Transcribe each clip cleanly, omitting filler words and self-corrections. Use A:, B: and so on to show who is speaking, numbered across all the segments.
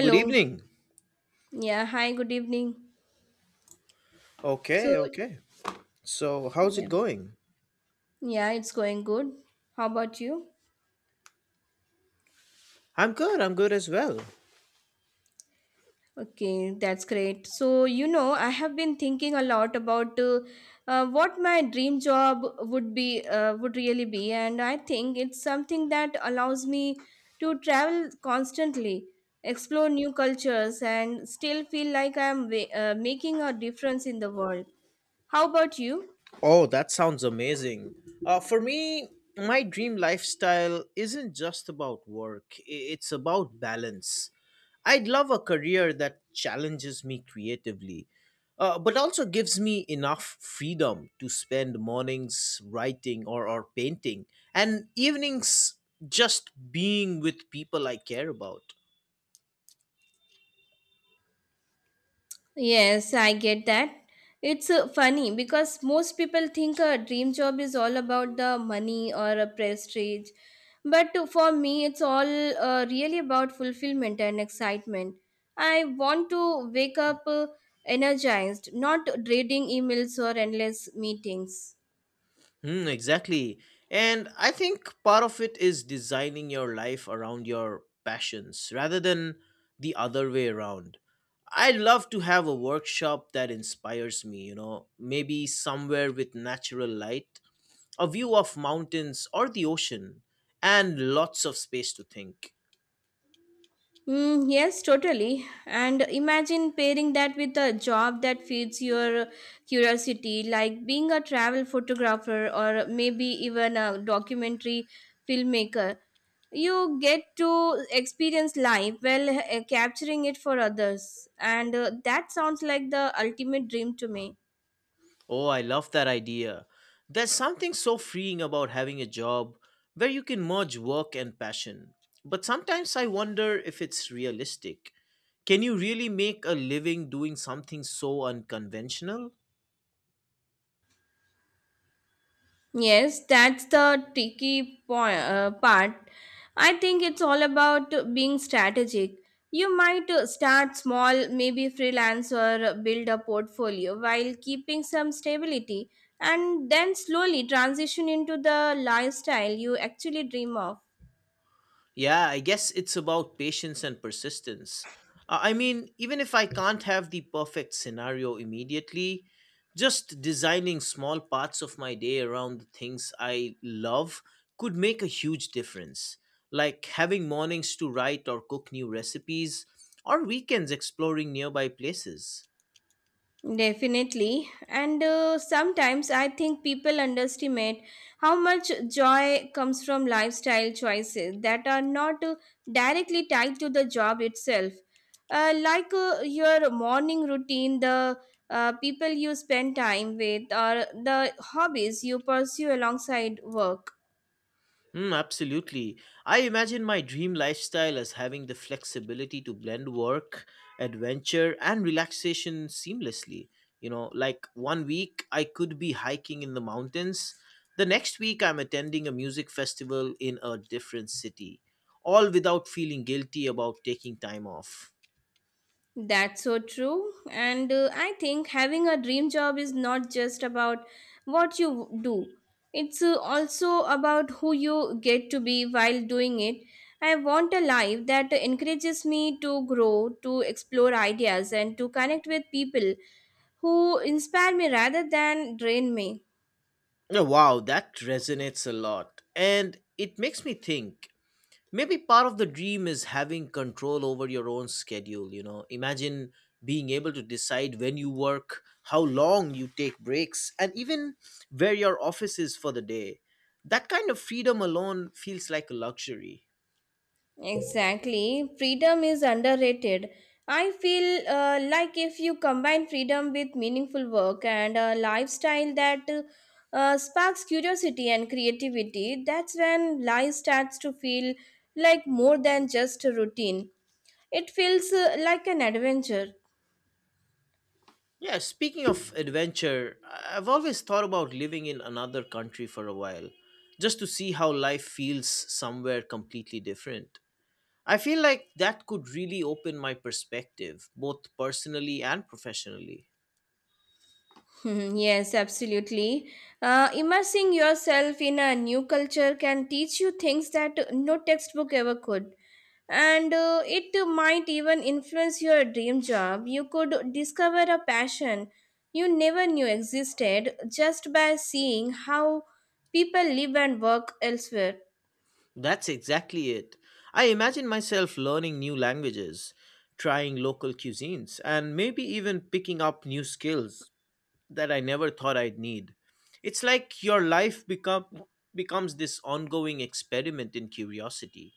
A: Good evening.
B: Yeah, hi, good evening. So,
A: Okay, okay. So, how's
B: yeah,
A: it going?
B: yeah, it's going good. How about you?
A: I'm good. I'm good as well.
B: Okay, that's great. I have been thinking a lot about what my dream job would be, would really be, and I think it's something that allows me to travel constantly, explore new cultures, and still feel like I'm making a difference in the world. How about you?
A: Oh, that sounds amazing. For me, my dream lifestyle isn't just about work, it's about balance. I'd love a career that challenges me creatively, but also gives me enough freedom to spend mornings writing or painting and evenings just being with people I care about.
B: Yes, I get that. It's funny because most people think a dream job is all about the money or a prestige. For me, it's all really about fulfillment and excitement. I want to wake up energized, not dreading emails or endless meetings.
A: Hmm, exactly. And I think part of it is designing your life around your passions rather than the other way around. I'd love to have a workshop that inspires me, maybe somewhere with natural light, a view of mountains or the ocean, and lots of space to think.
B: Yes, totally. And imagine pairing that with a job that feeds your curiosity, like being a travel photographer or maybe even a documentary filmmaker. You get to experience life while capturing it for others. And that sounds like the ultimate dream to me.
A: Oh, I love that idea. There's something so freeing about having a job where you can merge work and passion. But sometimes I wonder if it's realistic. Can you really make a living doing something so unconventional?
B: Yes, that's the tricky part. I think it's all about being strategic. You might start small, maybe freelance or build a portfolio while keeping some stability, and then slowly transition into the lifestyle you actually dream of.
A: Yeah, I guess it's about patience and persistence. I mean, even if I can't have the perfect scenario immediately, just designing small parts of my day around the things I love could make a huge difference. Like having mornings to write or cook new recipes, or weekends exploring nearby places.
B: Definitely. And sometimes I think people underestimate how much joy comes from lifestyle choices that are not directly tied to the job itself. Like your morning routine, the people you spend time with, or the hobbies you pursue alongside work.
A: Mm, absolutely. I imagine my dream lifestyle as having the flexibility to blend work, adventure, and relaxation seamlessly. You know, like one week I could be hiking in the mountains, the next week I'm attending a music festival in a different city, all without feeling guilty about taking time off.
B: That's so true. And I think having a dream job is not just about what you do, it's also about who you get to be while doing it. I want a life that encourages me to grow, to explore ideas, and to connect with people who inspire me rather than drain me.
A: Oh, wow, that resonates a lot. And it makes me think maybe part of the dream is having control over your own schedule. Imagine being able to decide when you work, how long you take breaks, and even where your office is for the day. That kind of freedom alone feels like a luxury.
B: Exactly. Freedom is underrated. I feel like if you combine freedom with meaningful work and a lifestyle that sparks curiosity and creativity, that's when life starts to feel like more than just a routine. It feels like an adventure.
A: Yeah, speaking of adventure, I've always thought about living in another country for a while just to see how life feels somewhere completely different. I feel like that could really open my perspective both personally and professionally.
B: Hmm. Yes, absolutely. Immersing yourself in a new culture can teach you things that no textbook ever could. And it might even influence your dream job. You could discover a passion you never knew existed just by seeing how people live and work elsewhere.
A: That's exactly it. I imagine myself learning new languages, trying local cuisines, and maybe even picking up new skills that I never thought I'd need. It's like your life becomes this ongoing experiment in curiosity.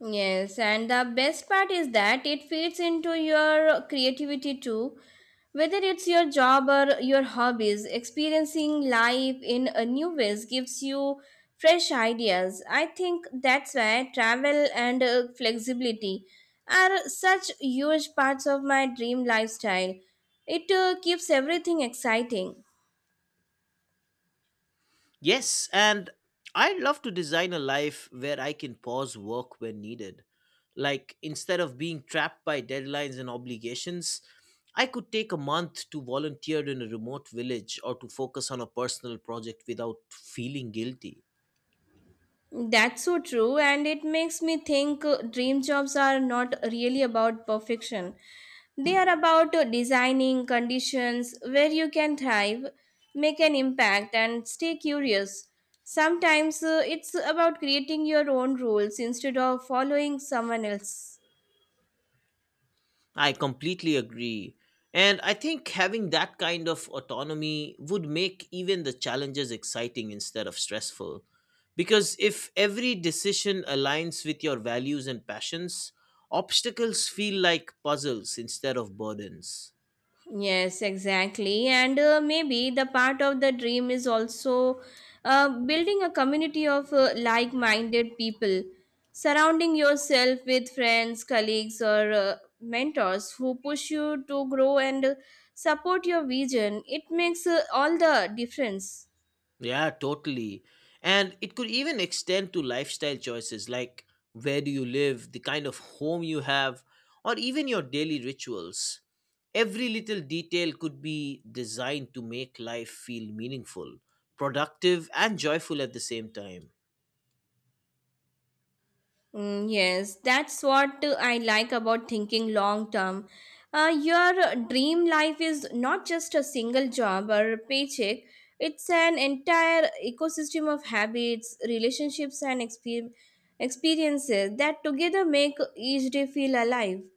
B: Yes, and the best part is that it feeds into your creativity too. Whether it's your job or your hobbies, experiencing life in a new ways gives you fresh ideas. I think that's why travel and flexibility are such huge parts of my dream lifestyle. It keeps everything exciting.
A: Yes, and I love to design a life where I can pause work when needed. Like, instead of being trapped by deadlines and obligations, I could take a month to volunteer in a remote village or to focus on a personal project without feeling guilty.
B: That's so true, and it makes me think dream jobs are not really about perfection. They are about designing conditions where you can thrive, make an impact, and stay curious. Sometimes it's about creating your own rules instead of following someone else.
A: I completely agree. And I think having that kind of autonomy would make even the challenges exciting instead of stressful. Because if every decision aligns with your values and passions, obstacles feel like puzzles instead of burdens.
B: Yes, exactly. And maybe the part of the dream is also building a community of like minded people, surrounding yourself with friends, colleagues, or mentors who push you to grow and support your vision. It makes all the difference.
A: Yeah, totally. And it could even extend to lifestyle choices like where do you live, the kind of home you have, or even your daily rituals. Every little detail could be designed to make life feel meaningful, productive, and joyful at the same time.
B: Yes, that's what I like about thinking long term. Your dream life is not just a single job or a paycheck, it's an entire ecosystem of habits, relationships, and experiences that together make each day feel alive.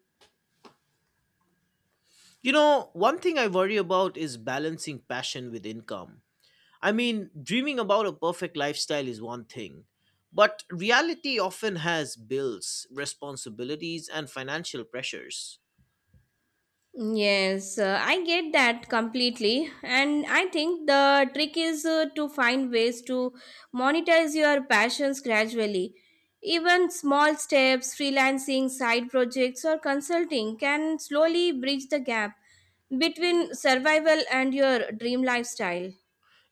A: You know, one thing I worry about is balancing passion with income. I mean, dreaming about a perfect lifestyle is one thing, but reality often has bills, responsibilities, and financial pressures.
B: Yes, I get that completely. And I think the trick is to find ways to monetize your passions gradually. Even small steps, freelancing, side projects, or consulting can slowly bridge the gap between survival and your dream lifestyle.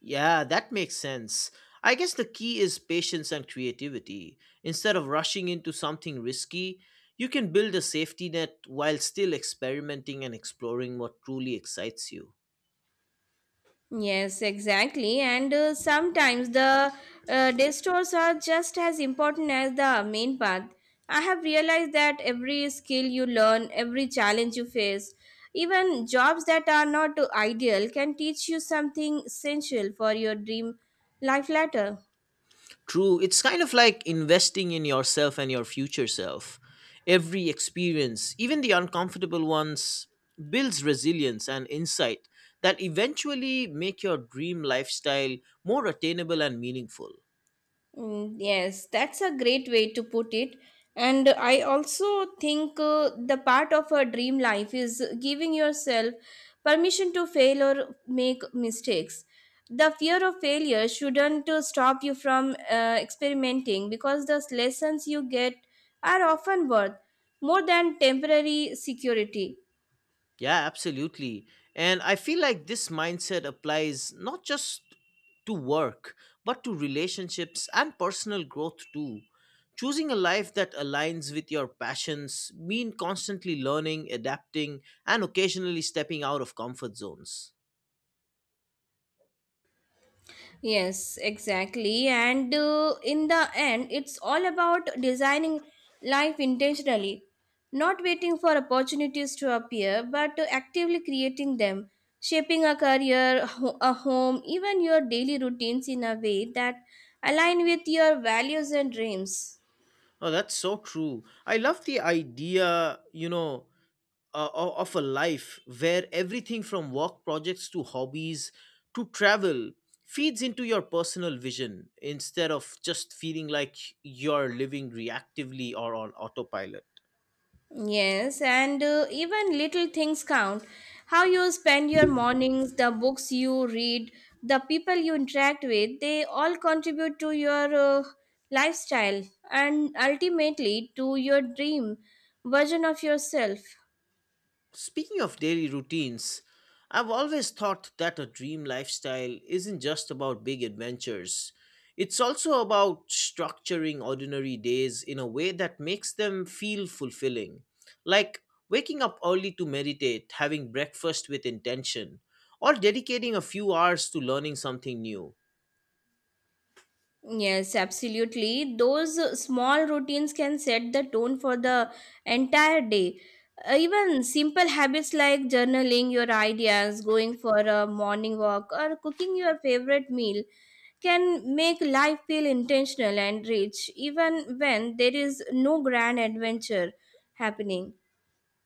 A: Yeah, that makes sense. I guess the key is patience and creativity. Instead of rushing into something risky, you can build a safety net while still experimenting and exploring what truly excites you.
B: Yes, exactly. And sometimes the detours are just as important as the main path. I have realized that every skill you learn, every challenge you face, even jobs that are not ideal can teach you something essential for your dream life later.
A: True, it's kind of like investing in yourself and your future self. Every experience, even the uncomfortable ones, builds resilience and insight that eventually make your dream lifestyle more attainable and meaningful.
B: Yes, that's a great way to put it. And I also think the part of a dream life is giving yourself permission to fail or make mistakes. The fear of failure shouldn't stop you from experimenting because the lessons you get are often worth more than temporary security.
A: Yeah, absolutely. And I feel like this mindset applies not just to work, but to relationships and personal growth too. Choosing a life that aligns with your passions mean constantly learning, adapting, and occasionally stepping out of comfort zones.
B: Yes, exactly. And in the end, it's all about designing life intentionally, not waiting for opportunities to appear, but actively creating them, shaping a career, a home, even your daily routines in a way that align with your values and dreams.
A: Oh, that's so true. I love the idea, of a life where everything from work projects to hobbies to travel feeds into your personal vision instead of just feeling like you're living reactively or on autopilot.
B: Yes, and even little things count. How you spend your mornings, the books you read, the people you interact with, they all contribute to your uh, lifestyle and ultimately to your dream version of yourself.
A: Speaking of daily routines, I've always thought that a dream lifestyle isn't just about big adventures. It's also about structuring ordinary days in a way that makes them feel fulfilling. Like waking up early to meditate, having breakfast with intention, or dedicating a few hours to learning something new.
B: Yes, absolutely. Those small routines can set the tone for the entire day. Even simple habits like journaling your ideas, going for a morning walk, or cooking your favorite meal can make life feel intentional and rich, even when there is no grand adventure happening.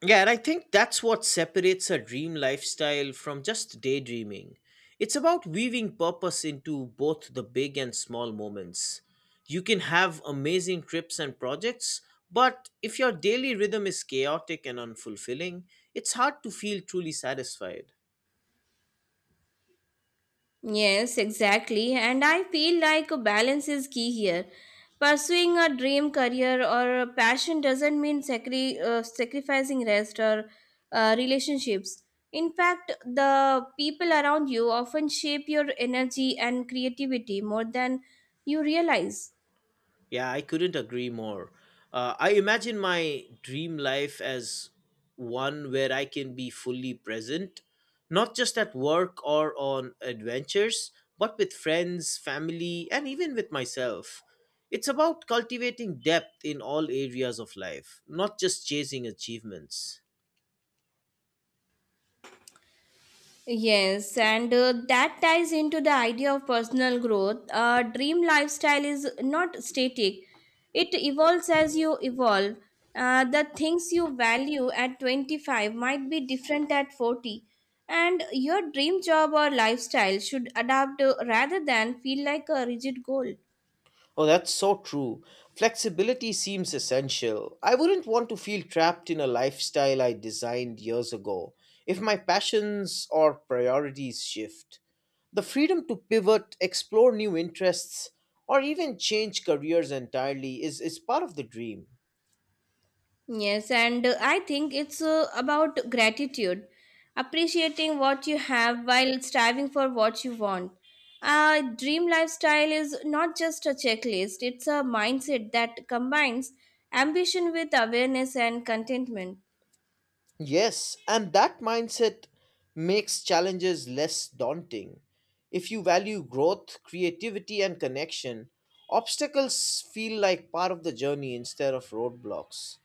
A: Yeah, and I think that's what separates a dream lifestyle from just daydreaming. It's about weaving purpose into both the big and small moments. You can have amazing trips and projects, but if your daily rhythm is chaotic and unfulfilling, it's hard to feel truly satisfied.
B: Yes, exactly. And I feel like a balance is key here. Pursuing a dream career or a passion doesn't mean sacrificing rest or relationships. In fact, the people around you often shape your energy and creativity more than you realize.
A: Yeah, I couldn't agree more. I imagine my dream life as one where I can be fully present, not just at work or on adventures, but with friends, family, and even with myself. It's about cultivating depth in all areas of life, not just chasing achievements.
B: Yes, and that ties into the idea of personal growth. A dream lifestyle is not static, it evolves as you evolve. The things you value at 25 might be different at 40, and your dream job or lifestyle should adapt rather than feel like a rigid goal.
A: Oh, that's so true. Flexibility seems essential. I wouldn't want to feel trapped in a lifestyle I designed years ago if my passions or priorities shift. The freedom to pivot, explore new interests, or even change careers entirely is part of the dream.
B: Yes, and I think it's about gratitude, appreciating what you have while striving for what you want. A dream lifestyle is not just a checklist, it's a mindset that combines ambition with awareness and contentment.
A: Yes, and that mindset makes challenges less daunting. If you value growth, creativity, and connection, obstacles feel like part of the journey instead of roadblocks.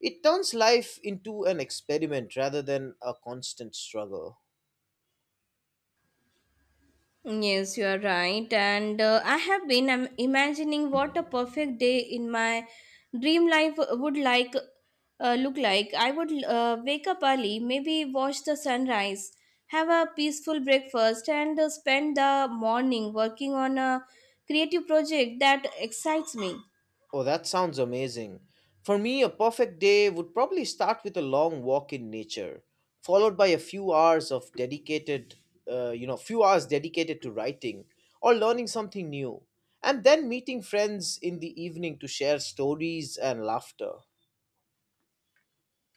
A: It turns life into an experiment rather than a constant struggle.
B: Yes, you are right. And I have been imagining what a perfect day in my dream life would look like. I would wake up early, maybe watch the sunrise, have a peaceful breakfast, and spend the morning working on a creative project that excites me.
A: Oh, that sounds amazing. For me, a perfect day would probably start with a long walk in nature, followed by a few hours of dedicated, few hours dedicated to writing or learning something new, and then meeting friends in the evening to share stories and laughter.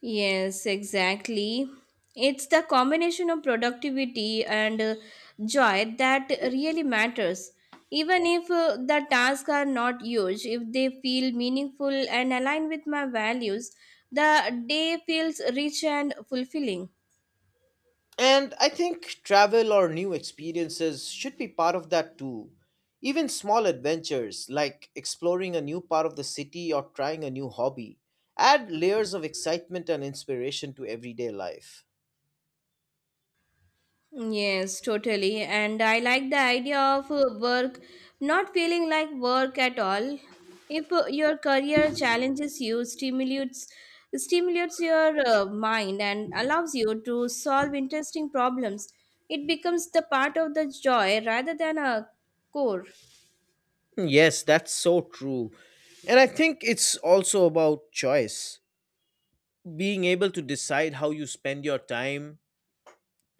B: Yes, exactly. It's the combination of productivity and joy that really matters. Even if the tasks are not huge, if they feel meaningful and align with my values, the day feels rich and fulfilling.
A: And I think travel or new experiences should be part of that too. Even small adventures like exploring a new part of the city or trying a new hobby add layers of excitement and inspiration to everyday life.
B: Yes, totally. And I like the idea of work not feeling like work at all. If your career challenges you, stimulates your mind and allows you to solve interesting problems, it becomes the part of the joy rather than a core.
A: Yes, that's so true. And I think it's also about choice. Being able to decide how you spend your time,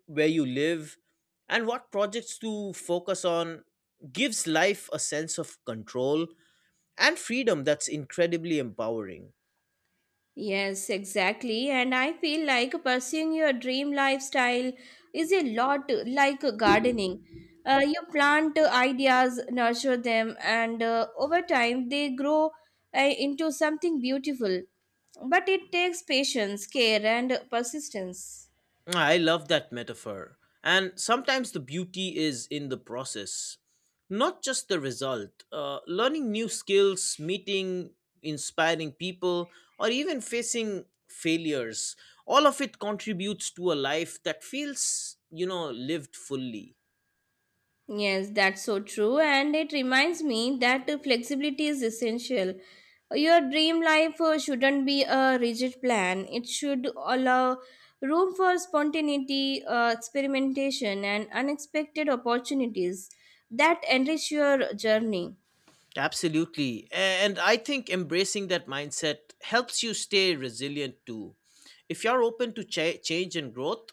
A: where you live, and what projects to focus on gives life a sense of control and freedom that's incredibly empowering.
B: Yes, exactly. And I feel like pursuing your dream lifestyle is a lot like gardening. You plant ideas, nurture them, and over time they grow into something beautiful. But it takes patience, care, and persistence.
A: I love that metaphor. And sometimes the beauty is in the process, not just the result. Learning new skills, meeting inspiring people, or even facing failures, all of it contributes to a life that feels, lived fully.
B: Yes, that's so true. And it reminds me that flexibility is essential. Your dream life shouldn't be a rigid plan, it should allow room for spontaneity, experimentation, and unexpected opportunities that enrich your journey.
A: Absolutely. And I think embracing that mindset helps you stay resilient too. If you're open to change and growth,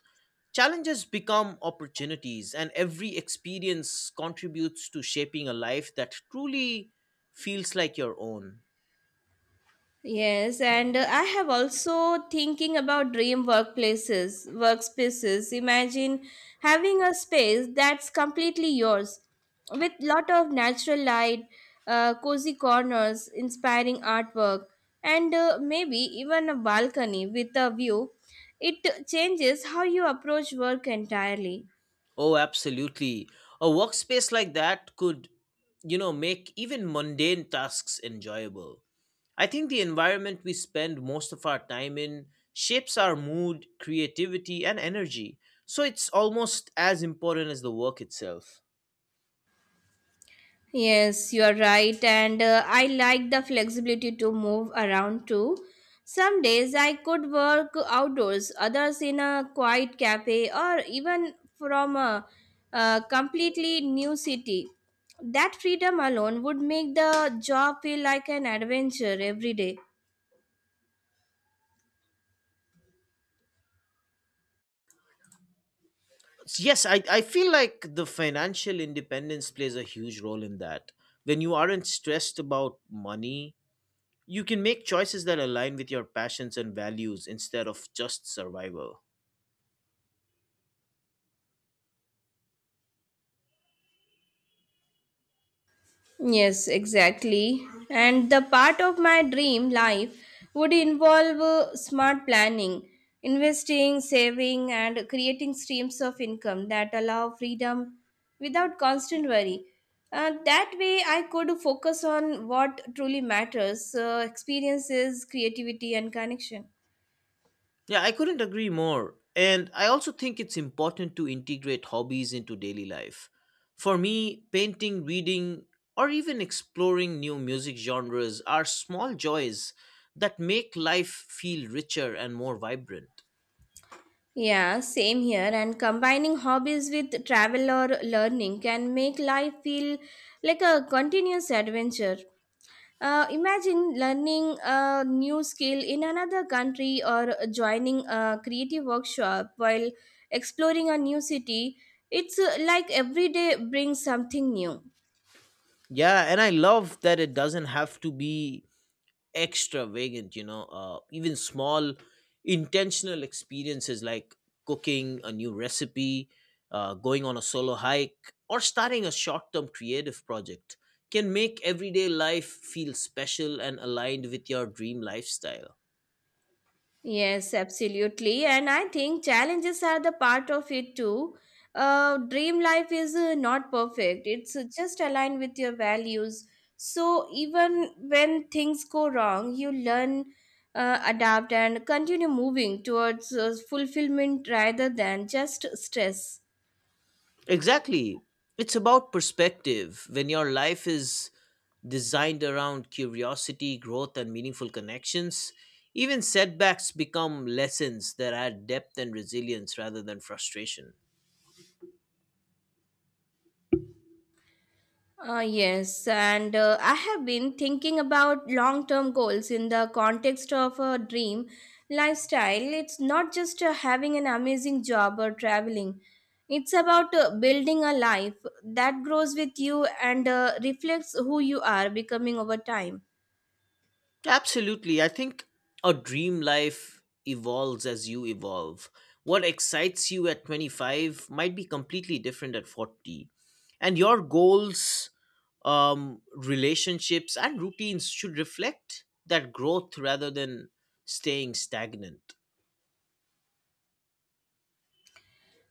A: challenges become opportunities, and every experience contributes to shaping a life that truly feels like your own.
B: Yes, and I have also thinking about dream workplaces, workspaces. Imagine having a space that's completely yours, with lot of natural light, cozy corners, inspiring artwork, and maybe even a balcony with a view. It changes how you approach work entirely.
A: Oh, absolutely. A workspace like that could, make even mundane tasks enjoyable. I think the environment we spend most of our time in shapes our mood, creativity, and energy. So it's almost as important as the work itself.
B: Yes, you are right, and I like the flexibility to move around too. Some days I could work outdoors, others in a quiet cafe, or even from a completely new city. That freedom alone would make the job feel like an adventure every day.
A: So, yes, I feel like the financial independence plays a huge role in that. When you aren't stressed about money, you can make choices that align with your passions and values instead of just survival.
B: Yes, exactly. And the part of my dream life would involve smart planning, investing, saving, and creating streams of income that allow freedom without constant worry. That way, I could focus on what truly matters experiences, creativity, and connection.
A: Yeah, I couldn't agree more. And I also think it's important to integrate hobbies into daily life. For me, painting, reading, or even exploring new music genres are small joys that make life feel richer and more vibrant.
B: Yeah, same here. And combining hobbies with travel or learning can make life feel like a continuous adventure. Imagine learning a new skill in another country or joining a creative workshop while exploring a new city. It's like every day brings something new.
A: Yeah, and I love that it doesn't have to be extravagant. Even small intentional experiences like cooking a new recipe, going on a solo hike, or starting a short-term creative project can make everyday life feel special and aligned with your dream lifestyle.
B: Yes, absolutely. And I think challenges are the part of it too. Dream life is not perfect, it's just aligned with your values. So even when things go wrong, you learn, adapt, and continue moving towards fulfillment rather than just stress.
A: Exactly. It's about perspective. When your life is designed around curiosity, growth, and meaningful connections, even setbacks become lessons that add depth and resilience rather than frustration.
B: Yes, and I have been thinking about long term goals in the context of a dream lifestyle. It's not just having an amazing job or traveling, it's about building a life that grows with you and reflects who you are becoming over time.
A: Absolutely. I think a dream life evolves as you evolve. What excites you at 25 might be completely different at 40. And your goals, relationships, and routines should reflect that growth rather than staying stagnant.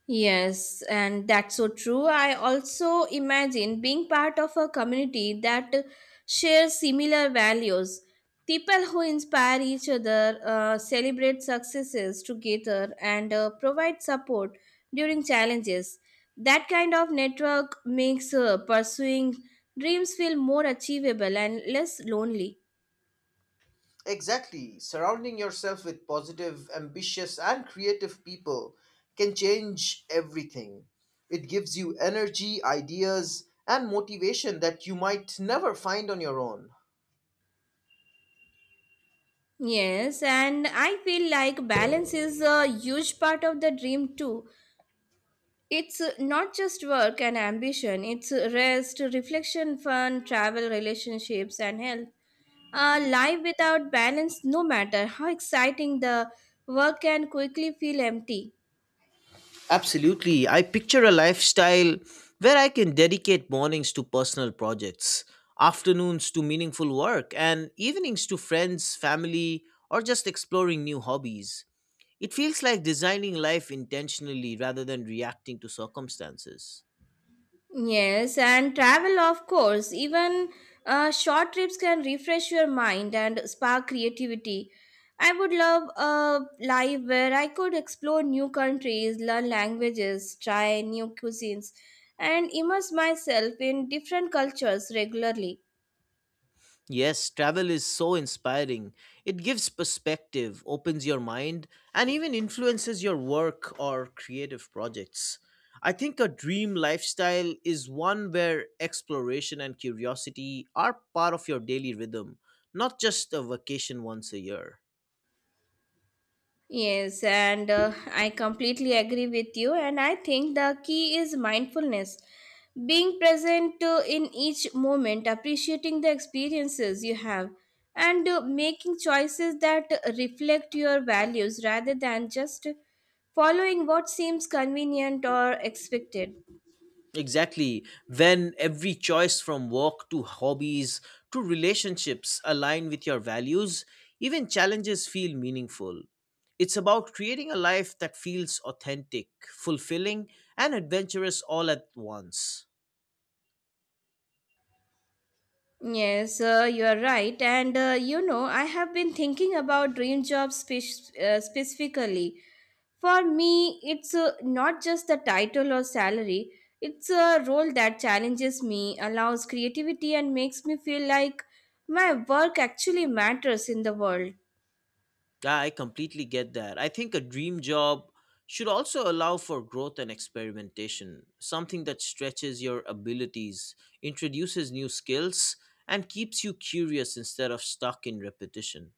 B: Yes, and that's so true. I also imagine being part of a community that shares similar values. People who inspire each other, celebrate successes together, and provide support during challenges. That kind of network makes pursuing dreams feel more achievable and less lonely.
A: Exactly. Surrounding yourself with positive, ambitious, and creative people can change everything. It gives you energy, ideas, and motivation that you might never find on your own.
B: Yes, and I feel like balance is a huge part of the dream too. It's not just work and ambition, it's rest, reflection, fun, travel, relationships, and health. A life without balance, no matter how exciting the work, can quickly feel empty.
A: Absolutely. I picture a lifestyle where I can dedicate mornings to personal projects, afternoons to meaningful work, and evenings to friends, family, or just exploring new hobbies. It feels like designing life intentionally rather than reacting to circumstances.
B: Yes, and travel, of course. Even short trips can refresh your mind and spark creativity. I would love a life where I could explore new countries, learn languages, try new cuisines, and immerse myself in different cultures regularly.
A: Yes, travel is so inspiring. It gives perspective, opens your mind, and even influences your work or creative projects. I think a dream lifestyle is one where exploration and curiosity are part of your daily rhythm, not just a vacation once a year.
B: Yes, and I completely agree with you. And I think the key is mindfulness. Being present in each moment, appreciating the experiences you have, and making choices that reflect your values rather than just following what seems convenient or expected.
A: Exactly. When every choice from work to hobbies to relationships align with your values, even challenges feel meaningful. It's about creating a life that feels authentic, fulfilling, and adventurous all at once.
B: Yes, you are right. And I have been thinking about dream jobs specifically. For me, it's not just the title or salary, it's a role that challenges me, allows creativity, and makes me feel like my work actually matters in the world.
A: Yeah, I completely get that. I think a dream job should also allow for growth and experimentation, something that stretches your abilities, introduces new skills, and keeps you curious instead of stuck in repetition.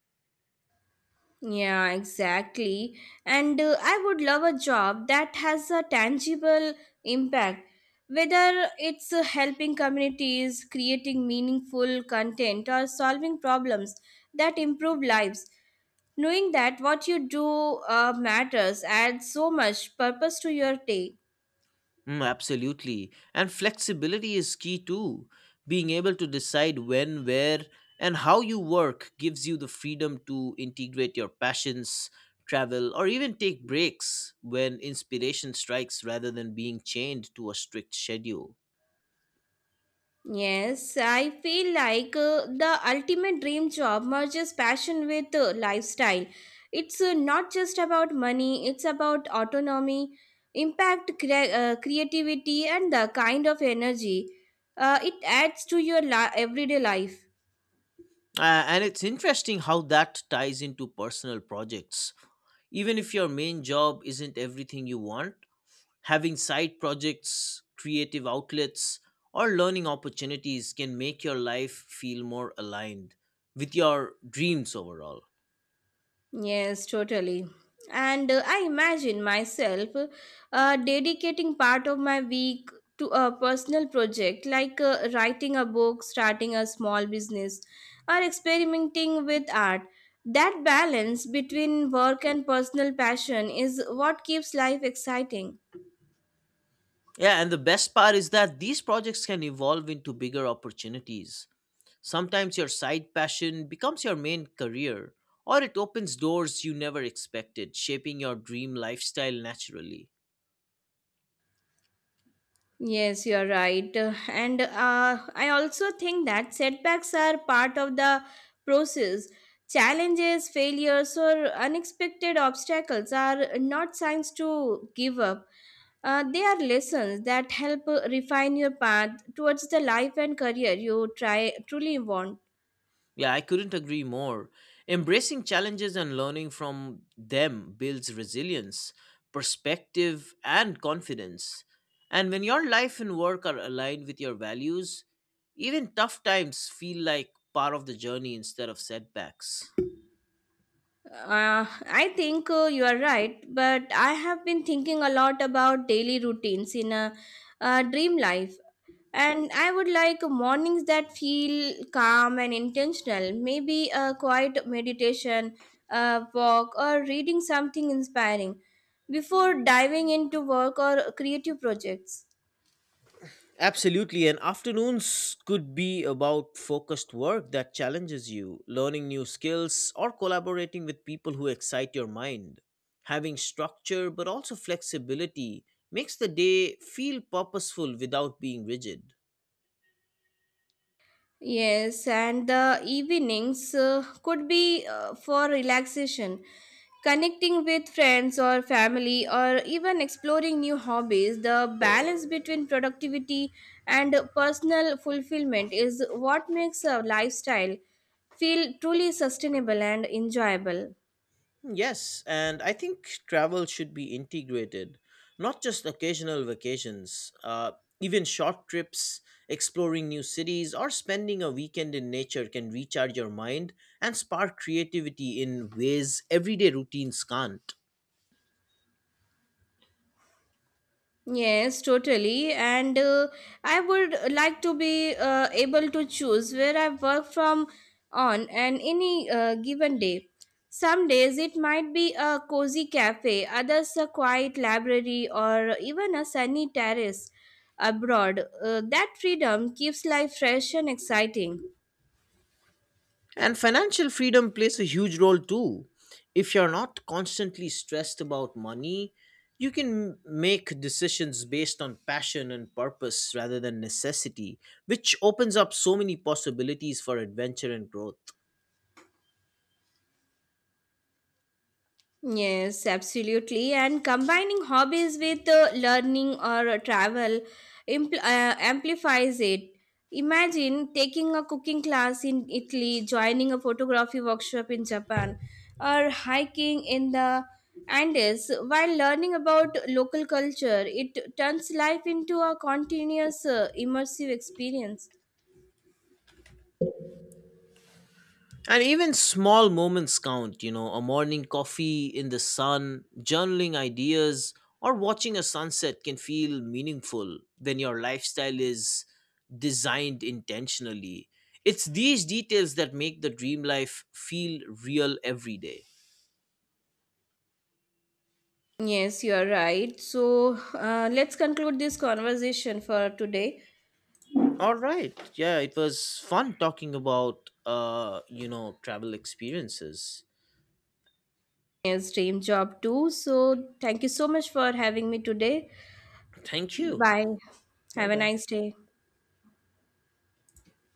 B: Yeah, exactly. And I would love a job that has a tangible impact, whether it's helping communities, creating meaningful content, or solving problems that improve lives. Knowing that what you do matters adds so much purpose to your day.
A: Mm, absolutely. And flexibility is key too. Being able to decide when, where, and how you work gives you the freedom to integrate your passions, travel, or even take breaks when inspiration strikes rather than being chained to a strict schedule.
B: Yes, I feel like the ultimate dream job merges passion with lifestyle. It's not just about money, it's about autonomy, impact, creativity, and the kind of energy it adds to your everyday life.
A: And it's interesting how that ties into personal projects. Even if your main job isn't everything you want, having side projects, creative outlets, or learning opportunities can make your life feel more aligned with your dreams overall.
B: Yes, totally. And I imagine myself dedicating part of my week to a personal project like writing a book, starting a small business, or experimenting with art. That balance between work and personal passion is what keeps life exciting.
A: Yeah, and the best part is that these projects can evolve into bigger opportunities. Sometimes your side passion becomes your main career, or it opens doors you never expected, shaping your dream lifestyle naturally.
B: Yes, you're right. And I also think that setbacks are part of the process. Challenges, failures, or unexpected obstacles are not signs to give up. They are lessons that help refine your path towards the life and career you try truly want.
A: Yeah, I couldn't agree more. Embracing challenges and learning from them builds resilience, perspective, and confidence. And when your life and work are aligned with your values, even tough times feel like part of the journey instead of setbacks.
B: I think you are right, but I have been thinking a lot about daily routines in a dream life. And I would like mornings that feel calm and intentional, maybe a quiet meditation, a walk, or reading something inspiring before diving into work or creative projects.
A: Absolutely, and afternoons could be about focused work that challenges you, learning new skills, or collaborating with people who excite your mind. Having structure but also flexibility makes the day feel purposeful without being rigid.
B: Yes, and the evenings could be for relaxation, connecting with friends or family, or even exploring new hobbies. The balance between productivity and personal fulfillment is what makes a lifestyle feel truly sustainable and enjoyable.
A: Hmm, yes, and I think travel should be integrated, not just occasional vacations. Even short trips, exploring new cities, or spending a weekend in nature can recharge your mind and spark creativity in ways everyday routines can't.
B: Yes, totally. And I would like to be able to choose where I work from on and any given day. Some days it might be a cozy cafe, others a quiet library, or even a sunny terrace abroad. That freedom keeps life fresh and exciting.
A: And financial freedom plays a huge role too. If you're not constantly stressed about money, you can make decisions based on passion and purpose rather than necessity, which opens up so many possibilities for adventure and growth.
B: Yes, absolutely. And combining hobbies with learning or travel amplifies it. Imagine taking a cooking class in Italy, joining a photography workshop in Japan, or hiking in the Andes. While learning about local culture, it turns life into a continuous, immersive experience.
A: And even small moments count, a morning coffee in the sun, journaling ideas, or watching a sunset can feel meaningful when your lifestyle is designed intentionally. It's these details that make the dream life feel real every day.
B: Yes, you are right. So let's conclude this conversation for today.
A: All right. Yeah, it was fun talking about travel experiences.
B: Yes, dream job too. So thank you so much for having me today.
A: Thank you.
B: Bye. Have a
A: Bye-bye.
B: nice day.